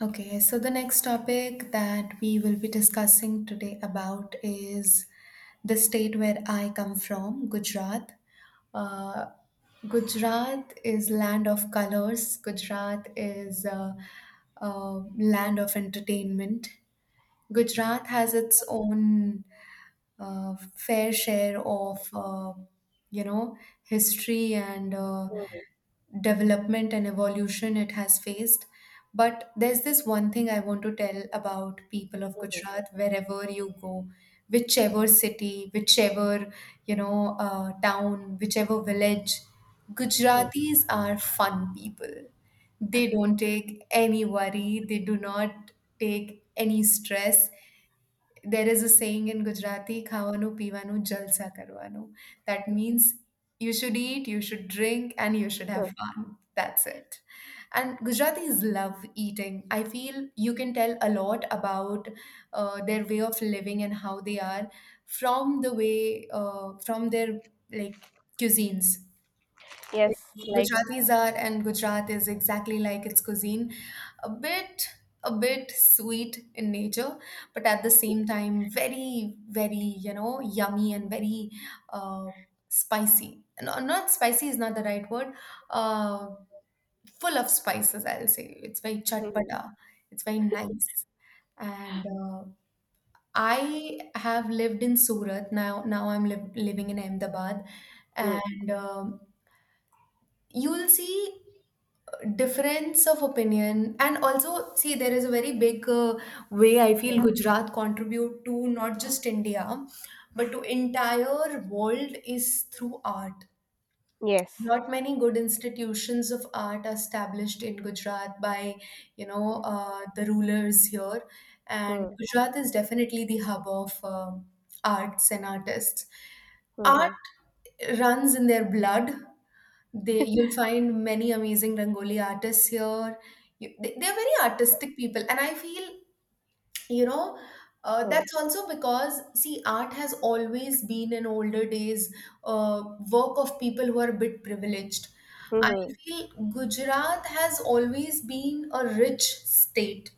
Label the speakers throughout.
Speaker 1: Okay, so the next topic that we will be discussing today about is the state where I come from, Gujarat. Uh, Gujarat is land of colors. A land of entertainment. Gujarat has its own fair share of you know history and development and evolution it has faced. But there's this one thing I want to tell about people of Gujarat. Wherever you go, whichever city, whichever town, whichever village, Gujaratis are fun people. They don't take any worry. They do not take any stress. There is a saying in Gujarati, ખાવાનું પીવાનું જલસા કરવાનું. That means you should eat, you should drink, and you should have
Speaker 2: Mm,
Speaker 1: fun. That's it. And Gujaratis love eating. I feel you can tell a lot about their way of living and how they are from the way, from their like cuisines.
Speaker 2: yes,
Speaker 1: It's
Speaker 2: like
Speaker 1: Gujarati are, and Gujarat is exactly like its cuisine, a bit a bit sweet in nature, but at the same time very very yummy and very uh, spicy. No, not spicy is not the right word. Uh, Full of spices, I'll say. It's very
Speaker 2: mhm,
Speaker 1: chatpata. It's very nice. And I have lived in Surat. Now. Now I'm living in Ahmedabad,
Speaker 2: mm,
Speaker 1: and you'll see difference of opinion, and also see there is a very big way I feel Gujarat contribute to not just India but to entire world is through art.
Speaker 2: yes.
Speaker 1: Not many good institutions of art are established in Gujarat by the rulers here, and
Speaker 2: Mm,
Speaker 1: Gujarat is definitely the hub of arts and artists.
Speaker 2: mhm,
Speaker 1: Art runs in their blood. You'll find many amazing Rangoli artists here. They're very artistic people, and I feel, you know,
Speaker 2: mm,
Speaker 1: that's also because, see, art has always been in older days uh, work of people who are a bit privileged. I
Speaker 2: mhm,
Speaker 1: feel Gujarat has always been a rich state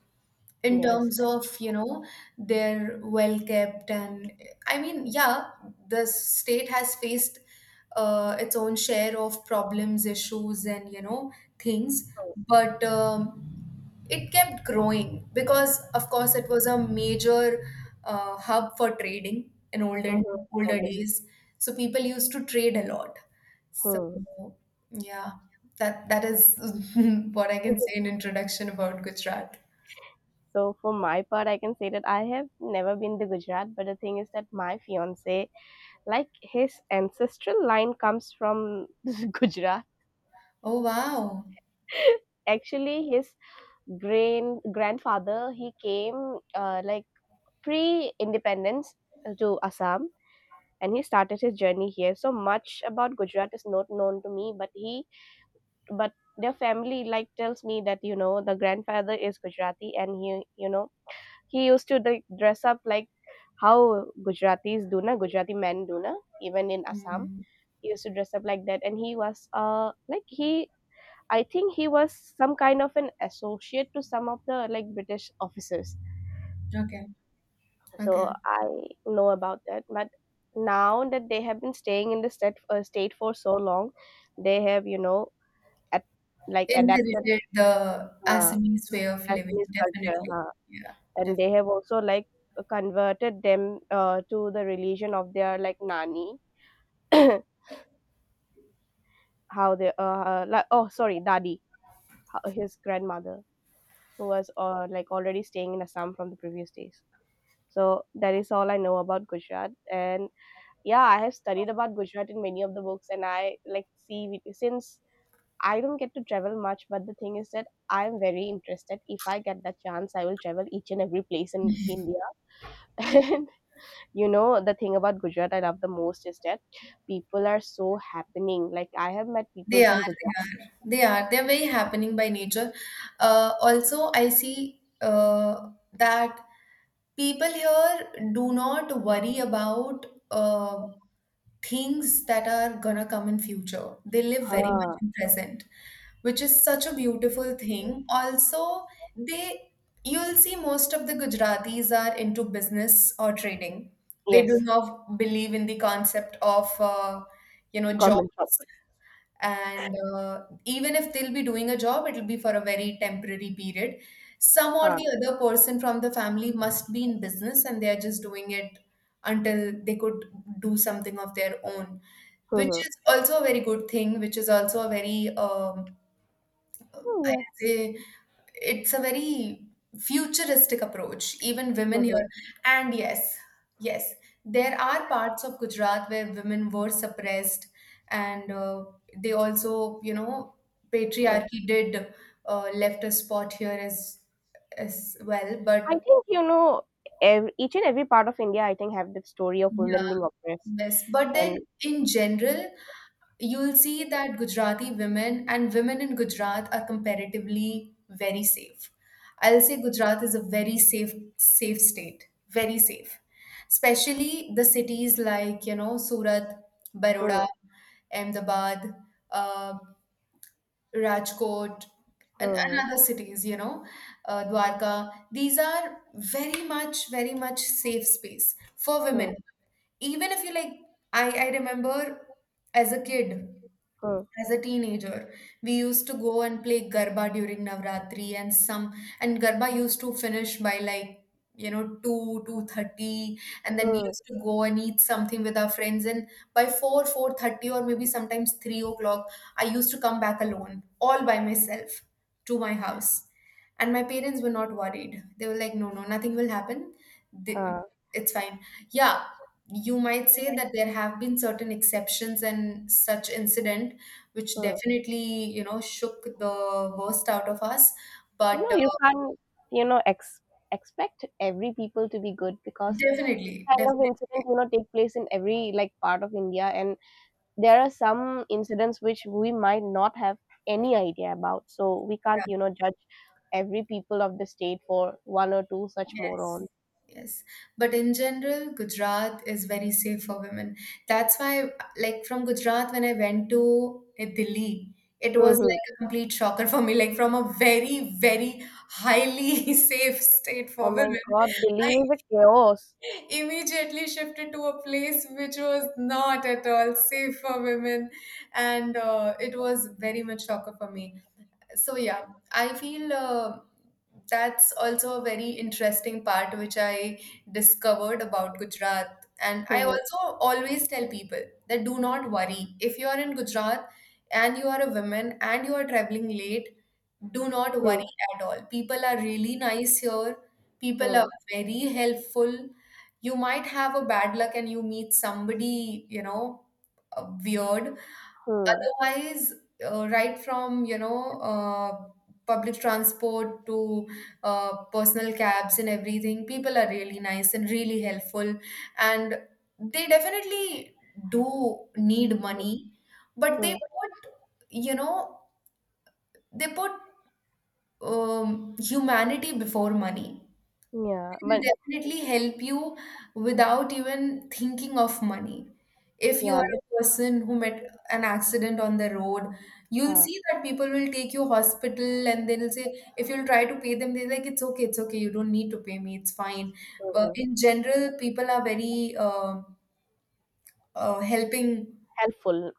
Speaker 1: in
Speaker 2: yes.
Speaker 1: terms of, they're well kept. And I mean, yeah, the state has faced its own share of problems, issues and, things,
Speaker 2: Mm,
Speaker 1: but it kept growing because of course it was a major hub for trading in olden
Speaker 2: mhm,
Speaker 1: older
Speaker 2: obvious.
Speaker 1: days. So people used to trade a lot. So
Speaker 2: Mm.
Speaker 1: yeah, that is what I can say in introduction about Gujarat.
Speaker 2: So for my part, I can say that I have never been to Gujarat, but the thing is that my fiance, like his ancestral line comes from Gujarat.
Speaker 1: Oh wow.
Speaker 2: Actually, his grand grandfather he came like pre-independence to Assam, and he started his journey here. So much about Gujarat is not known to me, but their family like tells me that you know the grandfather is Gujarati and he you know he used to like dress up like how Gujaratis do na, Gujarati men do na, even in Assam
Speaker 1: Hmm.
Speaker 2: he used to dress up like that, and he was like he I think he was some kind of an associate to some of the like British officers.
Speaker 1: Okay.
Speaker 2: So
Speaker 1: Okay.
Speaker 2: I know about that, but now that they have been staying in the state for so long, they have you know at, like adapted
Speaker 1: Inherited the
Speaker 2: uh,
Speaker 1: Assamese way of living,
Speaker 2: Assamese culture,
Speaker 1: definitely.
Speaker 2: huh?
Speaker 1: Yeah.
Speaker 2: And
Speaker 1: Def-
Speaker 2: they have also like converted them to the religion of their like nani, how they like, oh sorry, daddy, his grandmother who was like already staying in Assam from the previous days. So that is all I know about Gujarat, and yeah, I have studied about Gujarat in many of the books, and I like since I don't get to travel much, but the thing is that I'm very interested. If I get that chance, I will travel each and every place in India. You know, the thing about Gujarat I love the most is that people are so happening. Like I have met people
Speaker 1: they are,
Speaker 2: from
Speaker 1: they
Speaker 2: Gujarat.
Speaker 1: they are. They're very happening by nature. Also, I see that people here do not worry about things that are gonna come in future. They live very much
Speaker 2: Huh.
Speaker 1: in present, which is such a beautiful thing. Also, they, you'll see most of the Gujaratis are into business or trading. They do
Speaker 2: Yes,
Speaker 1: not believe in the concept of job,
Speaker 2: government job.
Speaker 1: and even if they'll be doing a job, it'll be for a very temporary period. Some or
Speaker 2: Huh.
Speaker 1: the other person from the family must be in business, and they are just doing it until they could do something of their own, which
Speaker 2: Mm-hmm.
Speaker 1: is also a very good thing, which is also a very,
Speaker 2: Yeah.
Speaker 1: I'd say, it's a very futuristic approach. Even women here,
Speaker 2: Mm-hmm.
Speaker 1: and yes, yes, there are parts of Gujarat where women were suppressed, and they also, you know,
Speaker 2: Hmm.
Speaker 1: patriarchy did left a spot here as well.
Speaker 2: I
Speaker 1: But
Speaker 2: think you know every, each and every part of India, I think, have the story of women being oppressed,
Speaker 1: yes, but
Speaker 2: and
Speaker 1: then in general, you'll see that Gujarati women and women in Gujarat are comparatively very safe. I'll say Gujarat is a very safe, safe state, very safe. Especially the cities like, you know, Surat,
Speaker 2: Hmm.
Speaker 1: Baroda, Ahmedabad, uh, Rajkot, and
Speaker 2: Hmm.
Speaker 1: other cities, you know, Dwarka. These are very much, very much safe space for
Speaker 2: Hmm.
Speaker 1: women. Even if you like, I remember as a kid,
Speaker 2: Hmm.
Speaker 1: as a teenager, we used to go and play garba during navratri and some, and garba used to finish by like, you know, 2, 2:30, and then we
Speaker 2: mm,
Speaker 1: used to go and eat something with our friends, and by 4, 4:30, or maybe sometimes 3 o'clock, I used to come back alone, all by myself, to my house, and my parents were not worried. They were like, no, no, nothing will happen. They-
Speaker 2: huh,
Speaker 1: it's fine. Yeah, you might say that there have been certain exceptions and such incident which
Speaker 2: mm.
Speaker 1: definitely, you know, shook the worst out of us.
Speaker 2: You
Speaker 1: But
Speaker 2: know, you can't you know ex- expect every people to be good, because this
Speaker 1: definitely,
Speaker 2: kind of
Speaker 1: definitely,
Speaker 2: incident you know take place in every like part of India, and there are some incidents which we might not have any idea about, so we can't
Speaker 1: yeah,
Speaker 2: you know judge every people of the state for one or two such
Speaker 1: yes.
Speaker 2: morons.
Speaker 1: Yes, but in general, Gujarat is very safe for women. That's why, like from Gujarat, when I went to Delhi, it was like
Speaker 2: Hmm.
Speaker 1: a complete shocker for me. Like from a very, very highly safe state for
Speaker 2: Oh my
Speaker 1: women,
Speaker 2: god, Delhi is a chaos.
Speaker 1: immediately shifted to a place which was not at all safe for women, and it was very much shocker for me. So yeah, I feel that's also a very interesting part which I discovered about Gujarat, and I
Speaker 2: Hmm.
Speaker 1: also always tell people that do not worry. If you are in Gujarat and you are a woman and you are traveling late, do not
Speaker 2: Hmm.
Speaker 1: worry at all. People are really nice here. People are
Speaker 2: Hmm.
Speaker 1: very helpful. You might have a bad luck and you meet somebody, you know, weird.
Speaker 2: Hmm.
Speaker 1: Otherwise, right from, you know, uh, public transport to personal cabs and everything, people are really nice and really helpful. And they definitely do need money, but they
Speaker 2: Hmm.
Speaker 1: put, you know, they put, humanity before money.
Speaker 2: Yeah,
Speaker 1: Will
Speaker 2: but
Speaker 1: definitely help you without even thinking of money. If you
Speaker 2: yeah,
Speaker 1: are a person who met an accident on the road, you'll
Speaker 2: uh,
Speaker 1: see that people will take you hospital, and they'll say, if you'll try to pay them, they're like, it's okay, you don't need to pay me, it's fine. But
Speaker 2: mhm,
Speaker 1: in general, people are very helping
Speaker 2: helpful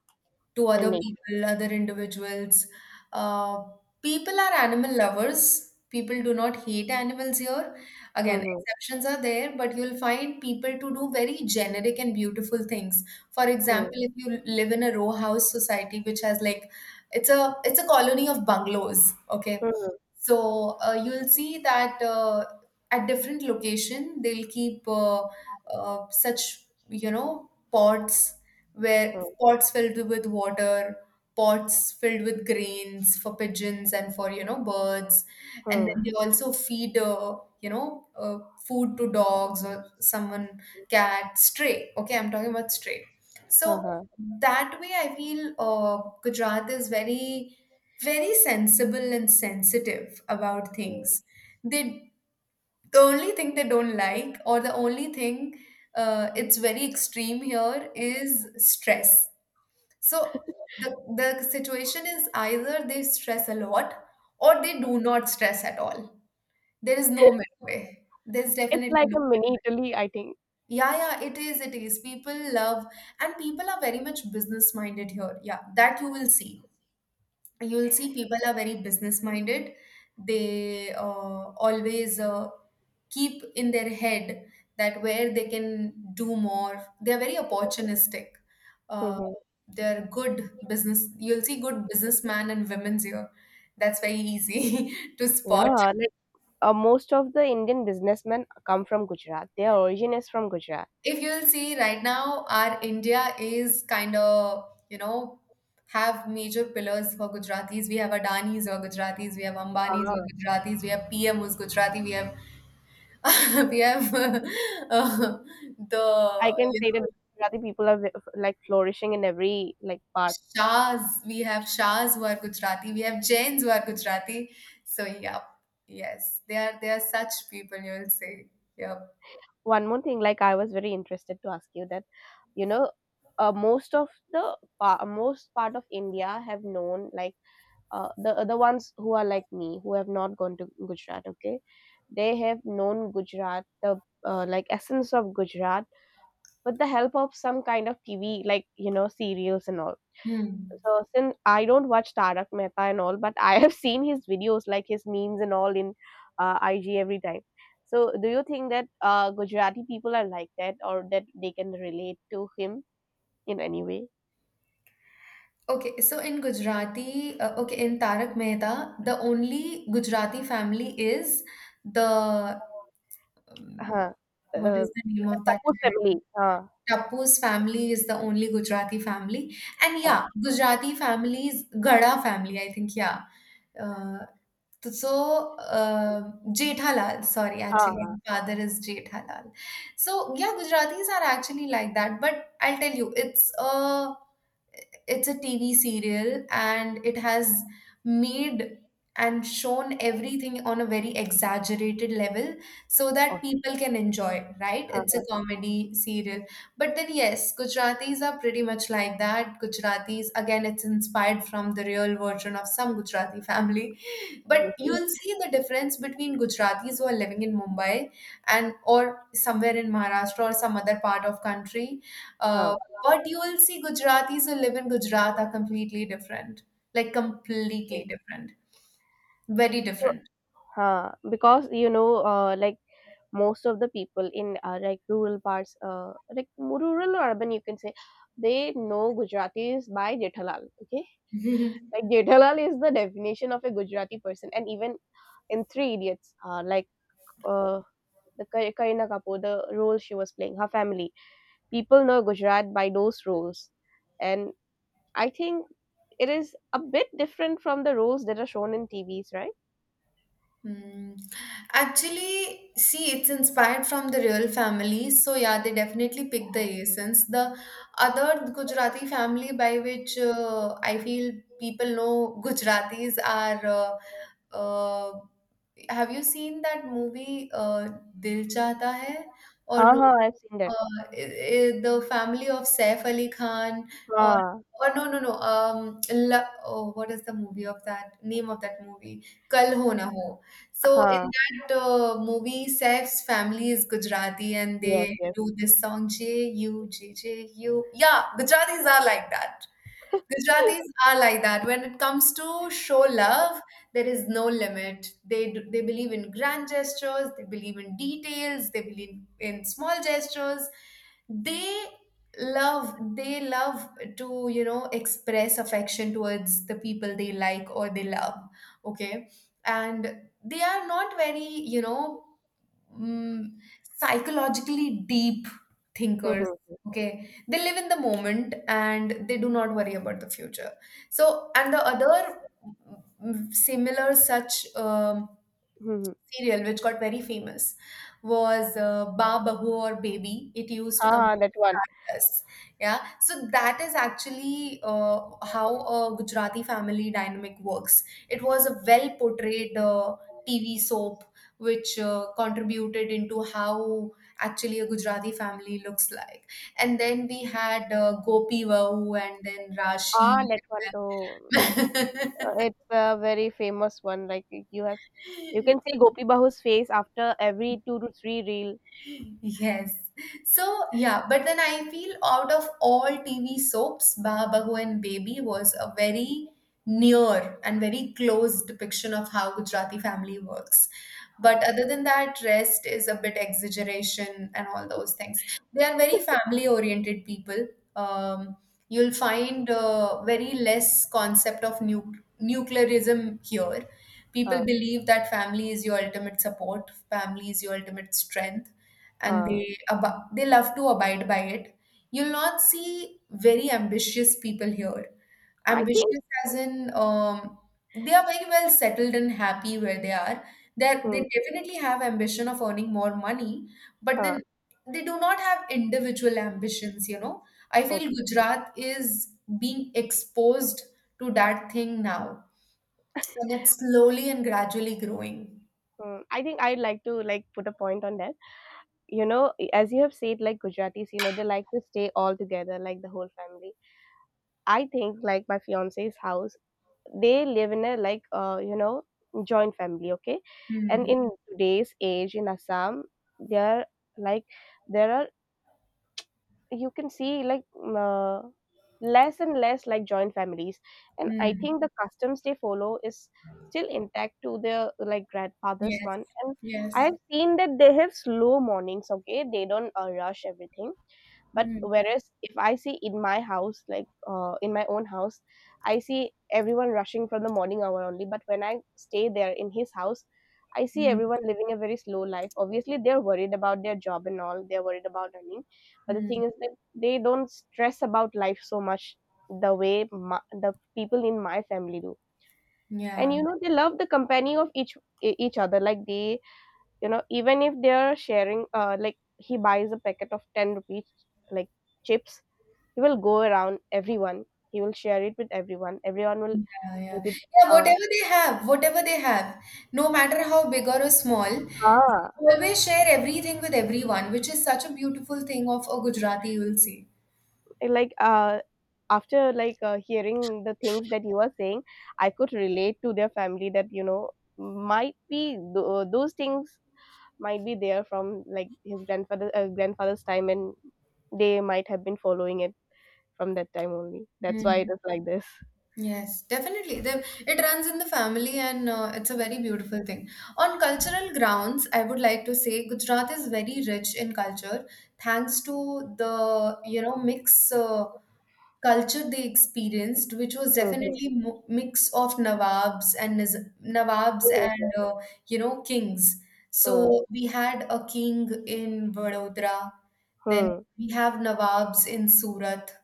Speaker 1: to
Speaker 2: in
Speaker 1: other
Speaker 2: nature.
Speaker 1: people, other individuals. Uh, People are animal lovers. People do not hate animals here. Again,
Speaker 2: Hmm.
Speaker 1: exceptions are there, but you'll find people to do very generic and beautiful things. For example,
Speaker 2: Hmm.
Speaker 1: if you live in a row house society, which has like, it's a colony of bungalows, okay?
Speaker 2: Hmm.
Speaker 1: So you'll see that at different location they'll keep, such, you know, pots where,
Speaker 2: Hmm.
Speaker 1: pots filled with water, pots filled with grains for pigeons and for, you know, birds, and then
Speaker 2: Hmm.
Speaker 1: they also feed, food to dogs or someone, cat, stray, okay, I'm talking about stray. So
Speaker 2: Haha.
Speaker 1: that way I feel Gujarat is very, very sensible and sensitive about things. They, the only thing they don't like, or the only thing it's very extreme here, is stress. So the situation is either they stress a lot or they do not stress at all. There is no midway. There's
Speaker 2: It's like
Speaker 1: definitely no.
Speaker 2: a mini Italy, I think.
Speaker 1: Yeah, yeah, it is, it is. People love, and people are very much business minded here. Yeah, that you will see. You'll see people are very business minded. They always keep in their head that where they can do more. They're very opportunistic. Uh,
Speaker 2: Mhm.
Speaker 1: they're good business. You'll see good businessmen and women's here. That's very easy to spot.
Speaker 2: Yeah, like most of the Indian businessmen come from Gujarat. Their origin is from Gujarat.
Speaker 1: If you'll see right now, our India is kind of, you know, have major pillars for Gujaratis. We have Adanis or Gujaratis, we have Ambanis or Gujaratis, we have PM who's Gujarati, we have we have uh,
Speaker 2: I
Speaker 1: the
Speaker 2: can
Speaker 1: you
Speaker 2: say that Gujarati people are ve- like flourishing in every like part.
Speaker 1: Shahs, we have Shahs who are Gujarati, we have Jains who are Gujarati. So yep, yes, they are such people you'll say. Yep.
Speaker 2: One more thing, like I was very interested to ask you that, you know, most of most part of India have known like the ones who are like me who have not gone to Gujarat. Okay, they have known Gujarat the like essence of Gujarat with the help of some kind of TV like you know serials and all.
Speaker 1: Hmm.
Speaker 2: So since I don't watch Tarak Mehta and all, but I have seen his videos, like his memes and all, in IG every time. So do you think that Gujarati people are like that, or that they can relate to him in any way?
Speaker 1: Okay, so in Gujarati, okay, in Tarak Mehta, the only Gujarati family is the, um,
Speaker 2: Huh.
Speaker 1: what
Speaker 2: Uh,
Speaker 1: is the name of that
Speaker 2: Suppose
Speaker 1: character?
Speaker 2: family. Huh.
Speaker 1: Tapu's family is the only Gujarati family, and
Speaker 2: Huh.
Speaker 1: yeah, Gujarati families, Gada family, I think, yeah. uh, so, Jet Halal, sorry,
Speaker 2: Huh.
Speaker 1: actually,
Speaker 2: Huh.
Speaker 1: my father is Jet Halal. So, yeah, Gujaratis are actually like that, but I'll tell you, it's a TV serial, and it has made and shown everything on a very exaggerated level so that people can enjoy, it, right? It's a
Speaker 2: Okay.
Speaker 1: comedy serial. But then, yes, Gujaratis are pretty much like that. Gujaratis, again, it's inspired from the real version of some Gujarati family. But
Speaker 2: Obviously.
Speaker 1: you'll see the difference between Gujaratis who are living in Mumbai, and or somewhere in Maharashtra or some other part of country. Uh,
Speaker 2: Huh.
Speaker 1: but you will see Gujaratis who live in Gujarat are completely different, like
Speaker 2: Okay.
Speaker 1: completely different, very
Speaker 2: So,
Speaker 1: different.
Speaker 2: huh, because you know, like most of the people in like rural parts, like rural or urban, you can say, they know Gujaratis by Jethalal. Okay, like Jethalal is the definition of a Gujarati person, and even in Three Idiots, uh, the Kareena Kapoor, the role she was playing, her family. People know Gujarat by those roles, and I think it is a bit different from the roles that are shown in TVs, right?
Speaker 1: Hmm. Actually, see, it's inspired from the real families. So yeah, they definitely pick the essence. The other Gujarati family by which I feel people know Gujaratis are, Uh, have you seen that movie, Dil Chahta Hai? Or
Speaker 2: Ha
Speaker 1: no,
Speaker 2: ha, I've seen that.
Speaker 1: the family of Saif Ali Khan, or
Speaker 2: Ha
Speaker 1: or no no no, um, La- oh, what is the movie of that, name of that movie? Kal Ho Na Ho. So in
Speaker 2: ha,
Speaker 1: that movie, Saif's family is Gujarati and
Speaker 2: yes,
Speaker 1: they
Speaker 2: yes.
Speaker 1: do this song JUJJU. Yeah, Gujaratis are like that. Gujaratis are like that. When it comes to show love, there is no limit. They do, they believe in grand gestures, they believe in details, they believe in small gestures. They they love to express affection towards the people they like or they love. Okay, and they are not very you know mm, psychologically deep thinkers.
Speaker 2: Mhm,
Speaker 1: Okay, they live in the moment and they do not worry about the future. So and the other similar such um,
Speaker 2: mhm.
Speaker 1: serial which got very famous was Ba Bahu or Baby. It used to
Speaker 2: Ha
Speaker 1: come on
Speaker 2: ha, that one.
Speaker 1: Stardust. Yeah, so that is actually how a Gujarati family dynamic works. It was a well portrayed TV soap which contributed into how actually a Gujarati family looks like. And then we had Gopi Vahu and then Rashi
Speaker 2: Ah, that one too.
Speaker 1: and then
Speaker 2: It's a very famous one. Like you have, you can see Gopi Bahu's face after every two to three reel.
Speaker 1: yes. So, yeah, but then I feel out of all TV soaps, Bahu and Baby was a very near and very close depiction of how Gujarati family works.
Speaker 2: Ha
Speaker 1: But other than that, rest is a bit exaggeration and all those things. They are very family oriented people. Um, you'll find very less concept of nuclearism here. People
Speaker 2: ha
Speaker 1: believe that family is your ultimate support, family is your ultimate strength, and
Speaker 2: ha.
Speaker 1: they love to abide by it. You'll not see very ambitious people here.
Speaker 2: I think.
Speaker 1: Ambitious as in they are very well settled and happy where they are, that they
Speaker 2: Hmm,
Speaker 1: definitely have ambition of earning more money, but then
Speaker 2: ha.
Speaker 1: they do not have individual ambitions. I feel Gujarat is being exposed to that thing now, and it's slowly and gradually growing.
Speaker 2: Mm, I think I'd like to like put a point on that. You know, e, as you have said, like Gujaratis, you know, they like to stay all together, like the whole family. I think like my fiance's house, they live in a like, you know, joint family, okay? And
Speaker 1: Hmm.
Speaker 2: in today's age in Assam, there like there are you can see like uh, less and less like joint families, and I
Speaker 1: Hmm.
Speaker 2: think the customs they follow is still intact to their like grandfather's
Speaker 1: Yes,
Speaker 2: one, and I
Speaker 1: yes.
Speaker 2: have seen that they have slow mornings, okay? They don't rush everything, but
Speaker 1: Hmm.
Speaker 2: whereas if I see in my house, like in my own house, I see everyone rushing from the morning hour only. But when I stay there in his house, I see
Speaker 1: Hmm.
Speaker 2: everyone living a very slow life. Obviously, they're worried about their job and all. They're worried about earning, but the
Speaker 1: Hmm.
Speaker 2: thing is that they don't stress about life so much the way my, the people in my family do.
Speaker 1: Hmm.
Speaker 2: And
Speaker 1: Yeah.
Speaker 2: you know, they love the company of each other. Like they, you know, even if they're sharing, like he buys a packet of ten rupees, like chips, he will go around everyone. He will share it with everyone. Everyone will
Speaker 1: Yeah, yeah.
Speaker 2: eat it.
Speaker 1: Yeah,
Speaker 2: Uh,
Speaker 1: whatever they have, no matter how big or small,
Speaker 2: ah,
Speaker 1: they always share everything with everyone, which is such a beautiful thing of a Gujarati, you will see.
Speaker 2: like after like hearing the things that you are saying, I could relate to their family. That, you know, might be those things might be there from like his grandfather's time, and they might have been following it from that time only. That's why it
Speaker 1: Mhm.
Speaker 2: is like this.
Speaker 1: Yes, definitely. The, it runs in the family and it's a very beautiful thing. On cultural grounds, I would like to say Gujarat is very rich in culture thanks to the, mix. Culture they experienced, which was
Speaker 2: Mhm.
Speaker 1: definitely mix of Nawabs and Nawabs and
Speaker 2: Mhm.
Speaker 1: kings.
Speaker 2: Hmm.
Speaker 1: So we had a king in Vadodara, then
Speaker 2: Hmm.
Speaker 1: we have Nawabs in Surat,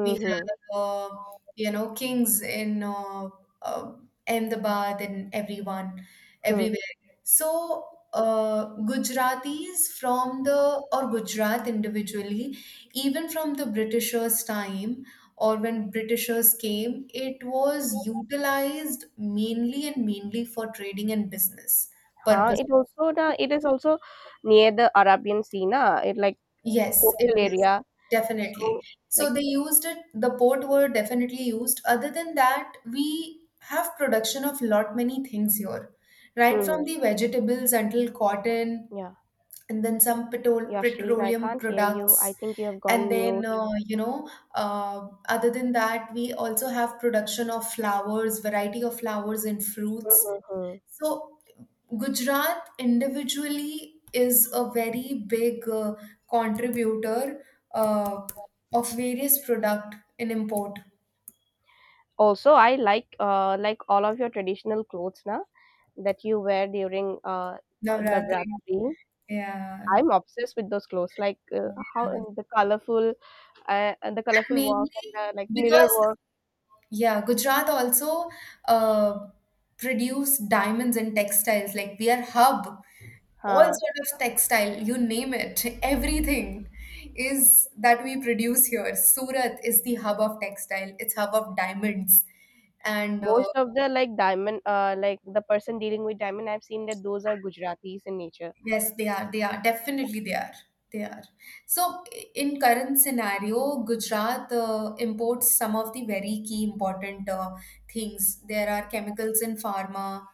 Speaker 1: we have, kings in uh, Ahmedabad and everyone,
Speaker 2: Hmm.
Speaker 1: everywhere. So Gujaratis from the, or Gujarat individually, even from the Britishers' time or when Britishers came, it was utilized mainly and mainly for trading and business
Speaker 2: Ah,
Speaker 1: purposes.
Speaker 2: it also the it is also near the Arabian Sea, na? It like
Speaker 1: Yes, it
Speaker 2: coastal
Speaker 1: is.
Speaker 2: area.
Speaker 1: Definitely.
Speaker 2: So
Speaker 1: So
Speaker 2: like
Speaker 1: they used it, the port were definitely used. Other than that, we have production of lot many things here, right from
Speaker 2: hmm,
Speaker 1: the vegetables until cotton,
Speaker 2: yeah.
Speaker 1: and then some petol
Speaker 2: Yashlin, I
Speaker 1: petroleum
Speaker 2: can't hear you.
Speaker 1: products.
Speaker 2: I think you have
Speaker 1: And
Speaker 2: gone
Speaker 1: then,
Speaker 2: mute.
Speaker 1: other than that, we also have production of flowers, variety of flowers and fruits.
Speaker 2: Mm-hmm.
Speaker 1: So Gujarat individually is a very big contributor uh, of various product in import.
Speaker 2: Also, I like all of your traditional clothes na that you wear during
Speaker 1: Navratri.
Speaker 2: Navratri.
Speaker 1: Yeah, yeah.
Speaker 2: I'm obsessed with those clothes, like how
Speaker 1: And
Speaker 2: and the colorful and the colorful work
Speaker 1: mainly
Speaker 2: and the like mirror
Speaker 1: because,
Speaker 2: work.
Speaker 1: yeah, Gujarat also uh, produce diamonds and textiles. Like we are hub all
Speaker 2: Ha.
Speaker 1: sort of textile, you name it, everything is that we produce here. Surat is the hub of textile, it's hub of diamonds. And
Speaker 2: Most of the like diamond, like the person dealing with diamond, I've seen that those are Gujaratis in nature.
Speaker 1: yes, they are. They are. Definitely they are. They are. So in current scenario, Gujarat imports some of the very key important things. There are chemicals in pharma,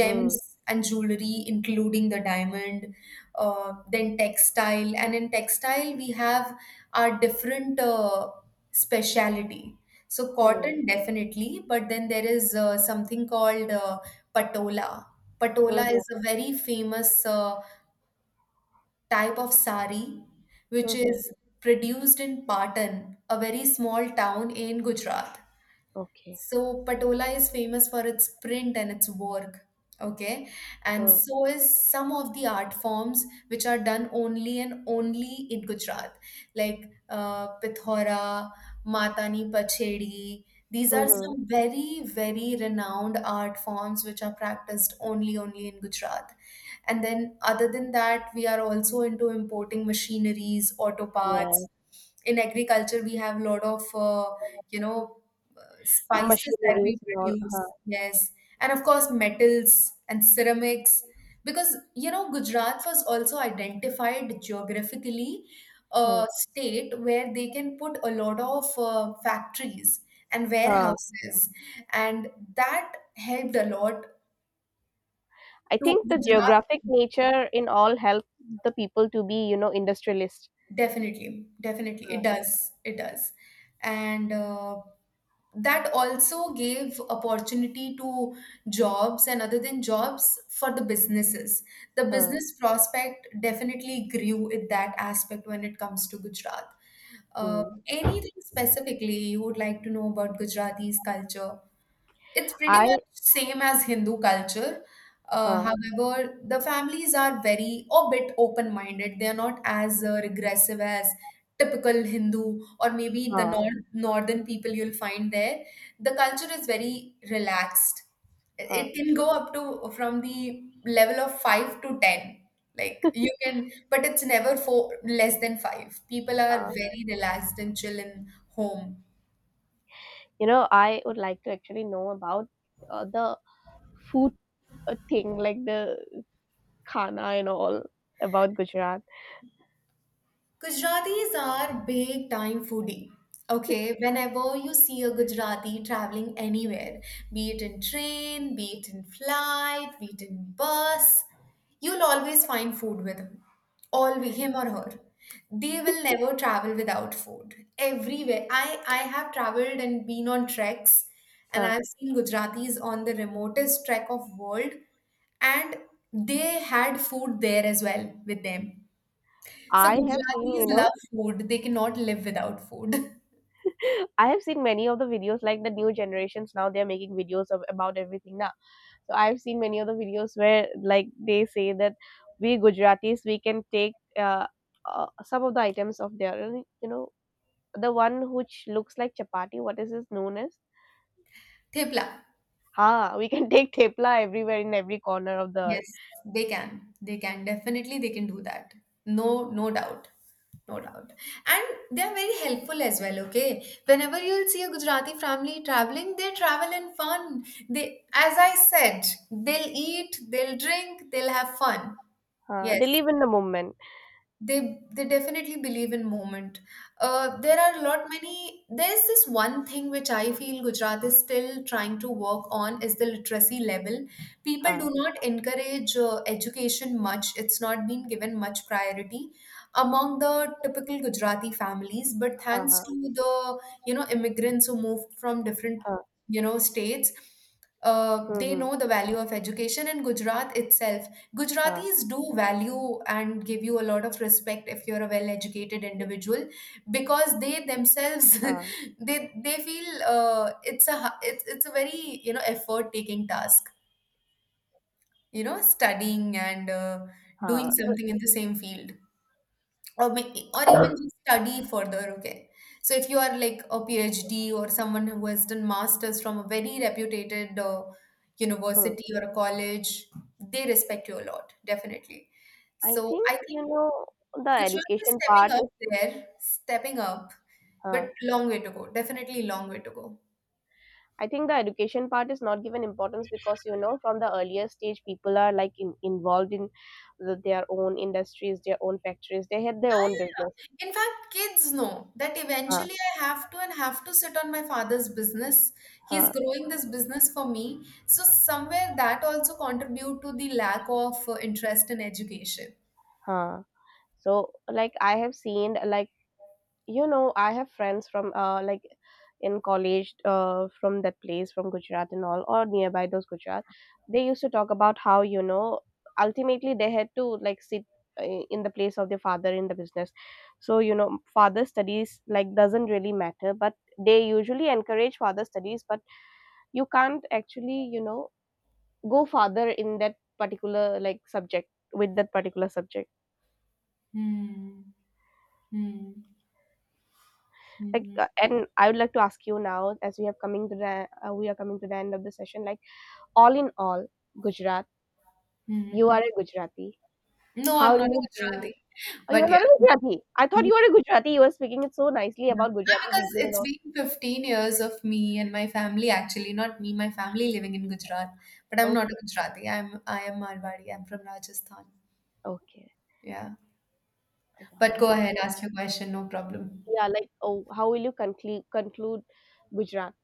Speaker 2: Hmm.
Speaker 1: and jewelry, including the diamond, then textile. And in textile, we have our different speciality. So
Speaker 2: Hmm.
Speaker 1: cotton definitely, but then there is something called patola. Patola
Speaker 2: Mhm.
Speaker 1: is a very famous type of sari, which
Speaker 2: Mhm.
Speaker 1: is produced in Patan, a very small town in Gujarat.
Speaker 2: Okay.
Speaker 1: So Patola is famous for its print and its work. Okay. And
Speaker 2: Mm.
Speaker 1: so is some of the art forms which are done only and only in Gujarat, like Pithora, Matani Pachedi. These are
Speaker 2: Mm-hmm.
Speaker 1: some very, very renowned art forms which are practiced only, only in Gujarat. And then, other than that, we are also into importing machineries, auto parts.
Speaker 2: Yes.
Speaker 1: In agriculture, we have a lot of, you know, spices that
Speaker 2: Machineries
Speaker 1: we
Speaker 2: and all. Huh.
Speaker 1: produce, yes, and of course metals and ceramics, because you know Gujarat was also identified geographically a
Speaker 2: Huh.
Speaker 1: state where they can put a lot of factories and
Speaker 2: Huh.
Speaker 1: warehouses, and that helped a lot
Speaker 2: I
Speaker 1: to
Speaker 2: think the
Speaker 1: Gujarat.
Speaker 2: geographic nature in all help the people to be, you know, industrialist.
Speaker 1: Definitely, definitely,
Speaker 2: Huh.
Speaker 1: it does, and. That also gave opportunity to jobs, and other than jobs for the businesses, the
Speaker 2: Huh.
Speaker 1: business prospect definitely grew in that aspect when it comes to Gujarat.
Speaker 2: Mhm.
Speaker 1: Anything specifically you would like to know about Gujarati's culture? It's pretty
Speaker 2: I
Speaker 1: much same as Hindu culture.
Speaker 2: huh,
Speaker 1: However, the families are very a bit open-minded. They are not as regressive as typical Hindu or maybe the
Speaker 2: huh,
Speaker 1: nor northern people you'll find there. The culture is very relaxed.
Speaker 2: huh,
Speaker 1: It can go up to from the level of five to ten. Like you can, but it's never four less than five. People are
Speaker 2: huh.
Speaker 1: very relaxed and chill in home.
Speaker 2: You know, I would like to actually know about the food thing, like the khana and all about Gujarat.
Speaker 1: Gujaratis are big time foodie. Okay, whenever you see a Gujarati traveling anywhere, be it in train, be it in flight, be it in bus, you'll always find food with him. Always him or her. They will never travel without food. Everywhere. I have traveled and been on treks, and
Speaker 2: Huh.
Speaker 1: I've seen Gujaratis on the remotest trek of world, and they had food there as well with them. So
Speaker 2: I have seen,
Speaker 1: Gujaratis
Speaker 2: you know,
Speaker 1: love food. They cannot live without food.
Speaker 2: I have seen many of the videos, like the new generations now they are making videos of, about everything now. So I've seen many of the videos where like they say that we Gujaratis we can take some of the items of their, you know, the one which looks like chapati. What is this known as?
Speaker 1: Thepla.
Speaker 2: Huh, we can take thepla everywhere in every corner of the earth.
Speaker 1: Yes, they can. They can. Definitely they can do that. No, no doubt. No doubt. And they're very helpful as well, okay? Whenever you'll see a Gujarati family traveling, they travel in fun. They, as I said, they'll eat, they'll drink, they'll have fun.
Speaker 2: Huh,
Speaker 1: Yes.
Speaker 2: they live in the moment.
Speaker 1: they they definitely believe in movement. There are a lot many, there's this one thing which I feel Gujarat is still trying to work on, is the literacy level. People
Speaker 2: Huh,
Speaker 1: do not encourage education much, it's not been given much priority among the typical Gujarati families, but
Speaker 2: huh,
Speaker 1: thanks
Speaker 2: huh,
Speaker 1: to the immigrants who moved from different
Speaker 2: huh,
Speaker 1: states, they
Speaker 2: hmm,
Speaker 1: know the value of education in Gujarat itself.
Speaker 2: huh,
Speaker 1: Gujaratis do value and give you a lot of respect if you're a well-educated individual, because they themselves
Speaker 2: huh,
Speaker 1: they feel it's a it's a very effort-taking task, you know, studying and doing
Speaker 2: huh. The-
Speaker 1: something in the same field, or even just study further, okay? So if you are like a PhD or someone who has done masters from a very reputed
Speaker 2: hmm.
Speaker 1: university or a college, they respect you a lot definitely.
Speaker 2: I
Speaker 1: So
Speaker 2: think
Speaker 1: I think
Speaker 2: you know the
Speaker 1: Gujarat is
Speaker 2: education
Speaker 1: stepping
Speaker 2: part
Speaker 1: up
Speaker 2: is.
Speaker 1: there, stepping up,
Speaker 2: Huh.
Speaker 1: but long way to go, definitely long way to go.
Speaker 2: I think the education part is not given importance because you know from the earlier stage people are like involved in their own industries, their own factories. They had
Speaker 1: Yeah,
Speaker 2: their own
Speaker 1: yeah,
Speaker 2: business.
Speaker 1: yeah. In fact, kids know that
Speaker 2: Huh,
Speaker 1: eventually I have to and have to sit on my father's business. He's
Speaker 2: huh,
Speaker 1: growing this business for me. So somewhere that also contribute to the lack of interest in education.
Speaker 2: huh. So like I have seen like you know I have friends from like in college from that place from Gujarat and all or nearby those Gujarat, they used to talk about how you know ultimately they had to like sit in the place of their father in the business. So you know father studies like doesn't really matter, but they usually encourage father studies, but you can't actually you know go farther in that particular like subject with that particular subject.
Speaker 1: Hmm. Hmm.
Speaker 2: Like
Speaker 1: Hmm.
Speaker 2: and I would like to ask you now as we have coming to the we are coming to the end of the session, like all in all Gujarat,
Speaker 1: Hmm.
Speaker 2: you are a Gujarati,
Speaker 1: No,
Speaker 2: how
Speaker 1: I'm
Speaker 2: do
Speaker 1: not a
Speaker 2: you feel?
Speaker 1: Gujarati.
Speaker 2: Oh,
Speaker 1: But
Speaker 2: you're
Speaker 1: yeah,
Speaker 2: not a Gujarati? I thought
Speaker 1: no.
Speaker 2: you were a Gujarati. You were speaking it so nicely about
Speaker 1: Ah,
Speaker 2: Gujarati
Speaker 1: because
Speaker 2: people and
Speaker 1: it's
Speaker 2: all.
Speaker 1: been 15 years of me and my family actually, not me, my family living in Gujarat. But I'm not a
Speaker 2: Okay,
Speaker 1: Gujarati. I am Marwari. I'm from Rajasthan.
Speaker 2: okay,
Speaker 1: Yeah. But go
Speaker 2: yeah.
Speaker 1: ahead,
Speaker 2: So
Speaker 1: ask your question, no problem.
Speaker 2: yeah, like, oh, how will you conclude Gujarat?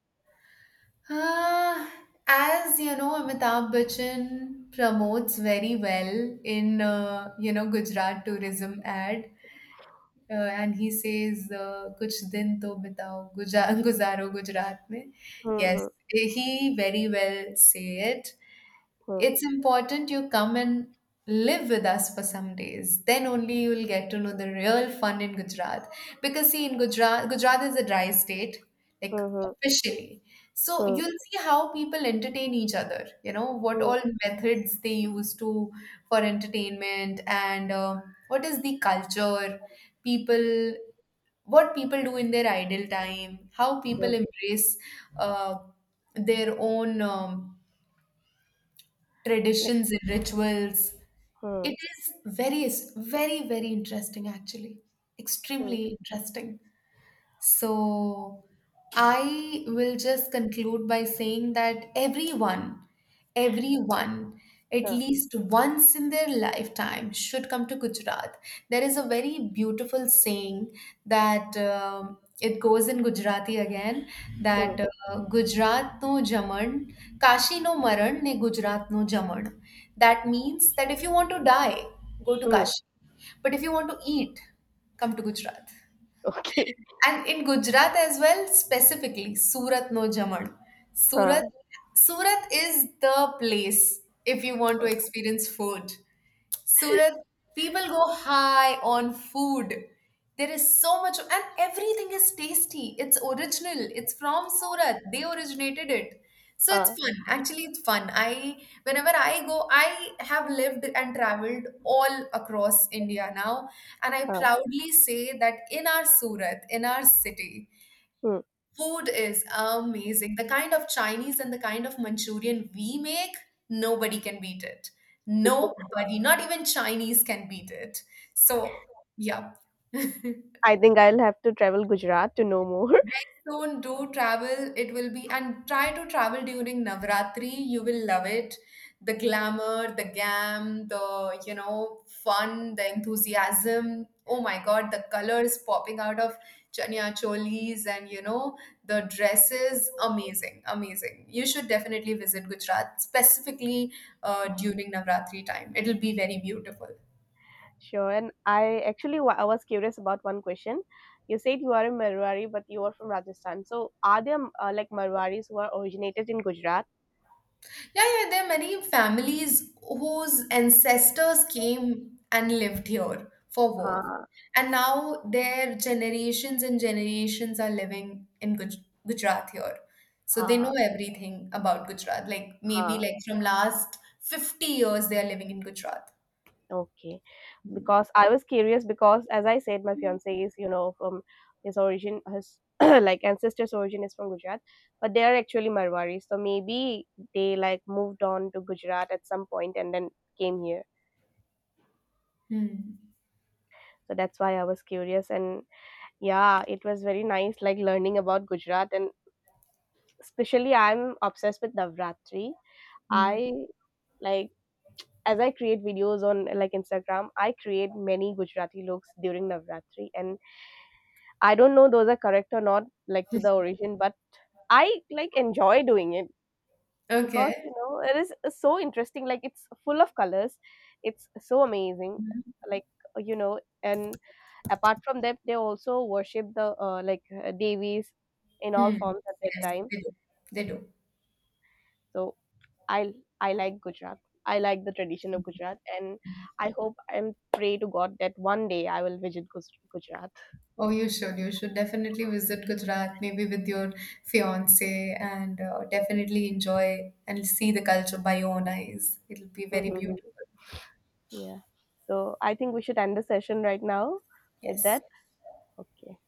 Speaker 1: Uh, as you know, Amitabh Bachchan promotes very well in Gujarat tourism ad, and he says, "Kuch din to bitao, guja- guzaro Gujarat mein." Yes,
Speaker 2: Hmm
Speaker 1: he very well say it.
Speaker 2: hmm
Speaker 1: It's important you come and live with us for some days. Then only you'll get to know the real fun in Gujarat. Because see, in Gujarat, Gujarat is a dry state, like
Speaker 2: hmm
Speaker 1: officially. So
Speaker 2: hmm
Speaker 1: you'll see how people entertain each other. You know what
Speaker 2: hmm
Speaker 1: all methods they use to for entertainment, and what is the culture, people, what people do in their idle time, how people
Speaker 2: hmm
Speaker 1: embrace uh, their own
Speaker 2: hmm,
Speaker 1: traditions and rituals.
Speaker 2: hmm,
Speaker 1: It is very, very, very interesting, actually.
Speaker 2: hmm, hmm, hmm,
Speaker 1: Extremely interesting. So I will just conclude by saying that everyone, everyone, at least once in their lifetime, should come to Gujarat. There is a very beautiful saying that it goes in Gujarati again,
Speaker 2: hmm, hmm.
Speaker 1: that Gujarat no jaman, Kashi no maran, ne Gujarat no jaman. That means that if you want to die, go to
Speaker 2: Hmm.
Speaker 1: Kashi. But if you want to eat, come to Gujarat.
Speaker 2: Okay.
Speaker 1: And in Gujarat as well, specifically Surat no Jaman.
Speaker 2: हाँ।
Speaker 1: Surat, Surat is the place if you want to experience food. Surat, people go high on food. There is so much, and everything is tasty. It's original. It's from Surat. They originated it. So it's
Speaker 2: Huh.
Speaker 1: fun. Actually, it's fun. Whenever I go, I have lived and traveled all across India now, and I
Speaker 2: Huh.
Speaker 1: proudly say that in our Surat, in our city,
Speaker 2: Hmm.
Speaker 1: food is amazing. The kind of Chinese and the kind of Manchurian we make, nobody can beat it. Nobody, not even Chinese can beat it. So, yeah.
Speaker 2: I think I'll have to travel Gujarat to know more.
Speaker 1: Next zone, do travel. It will be, and try to travel during Navratri. You will love it. The glamour, the gam, the, you know, fun, the enthusiasm. Oh my God, the colors popping out of chania cholis and, you know, the dresses. Amazing, amazing. You should definitely visit Gujarat, specifically during Navratri time. It'll be very beautiful.
Speaker 2: Sure. And I actually wa I was curious about one question. You said you are a Marwari, but you are from Rajasthan. So are there like Marwaris who are originated in Gujarat?
Speaker 1: Yeah, yeah, there are many families whose ancestors came and lived here for work.
Speaker 2: हाँ,
Speaker 1: And now their generations and generations are living in Guj Gujarat here. So they
Speaker 2: हाँ,
Speaker 1: know everything about Gujarat. Like maybe
Speaker 2: हाँ.
Speaker 1: like from last 50 years they are living in Gujarat.
Speaker 2: Okay. Because I was curious because as I said, my fiance is, you know, from his origin, his like ancestors' origin is from Gujarat, but they are actually Marwari. So maybe they like moved on to Gujarat at some point and then came here.
Speaker 1: Hmm.
Speaker 2: So that's why I was curious, and yeah, it was very nice like learning about Gujarat, and especially I'm obsessed with Navratri.
Speaker 1: Hmm.
Speaker 2: I like as I create videos on like Instagram, I create many Gujarati looks during Navratri, and I don't know those are correct or not, like to the origin, but I like enjoy doing it because
Speaker 1: Okay.
Speaker 2: you know it is so interesting. Like it's full of colors, it's so amazing.
Speaker 1: Hmm.
Speaker 2: Like, you know, and apart from that, they also worship the like devis in all
Speaker 1: Hmm.
Speaker 2: forms at that
Speaker 1: Yes,
Speaker 2: time.
Speaker 1: they do. They do.
Speaker 2: So I I like Gujarat. I like the tradition of Gujarat, and I hope and pray to God that one day I will visit Gujarat.
Speaker 1: Oh, you should. You should definitely visit Gujarat, maybe with your fiance, and definitely enjoy and see the culture by your own eyes. It'll be very beautiful.
Speaker 2: Yeah. So I think we should end the session right now with
Speaker 1: Yes.
Speaker 2: that. Okay.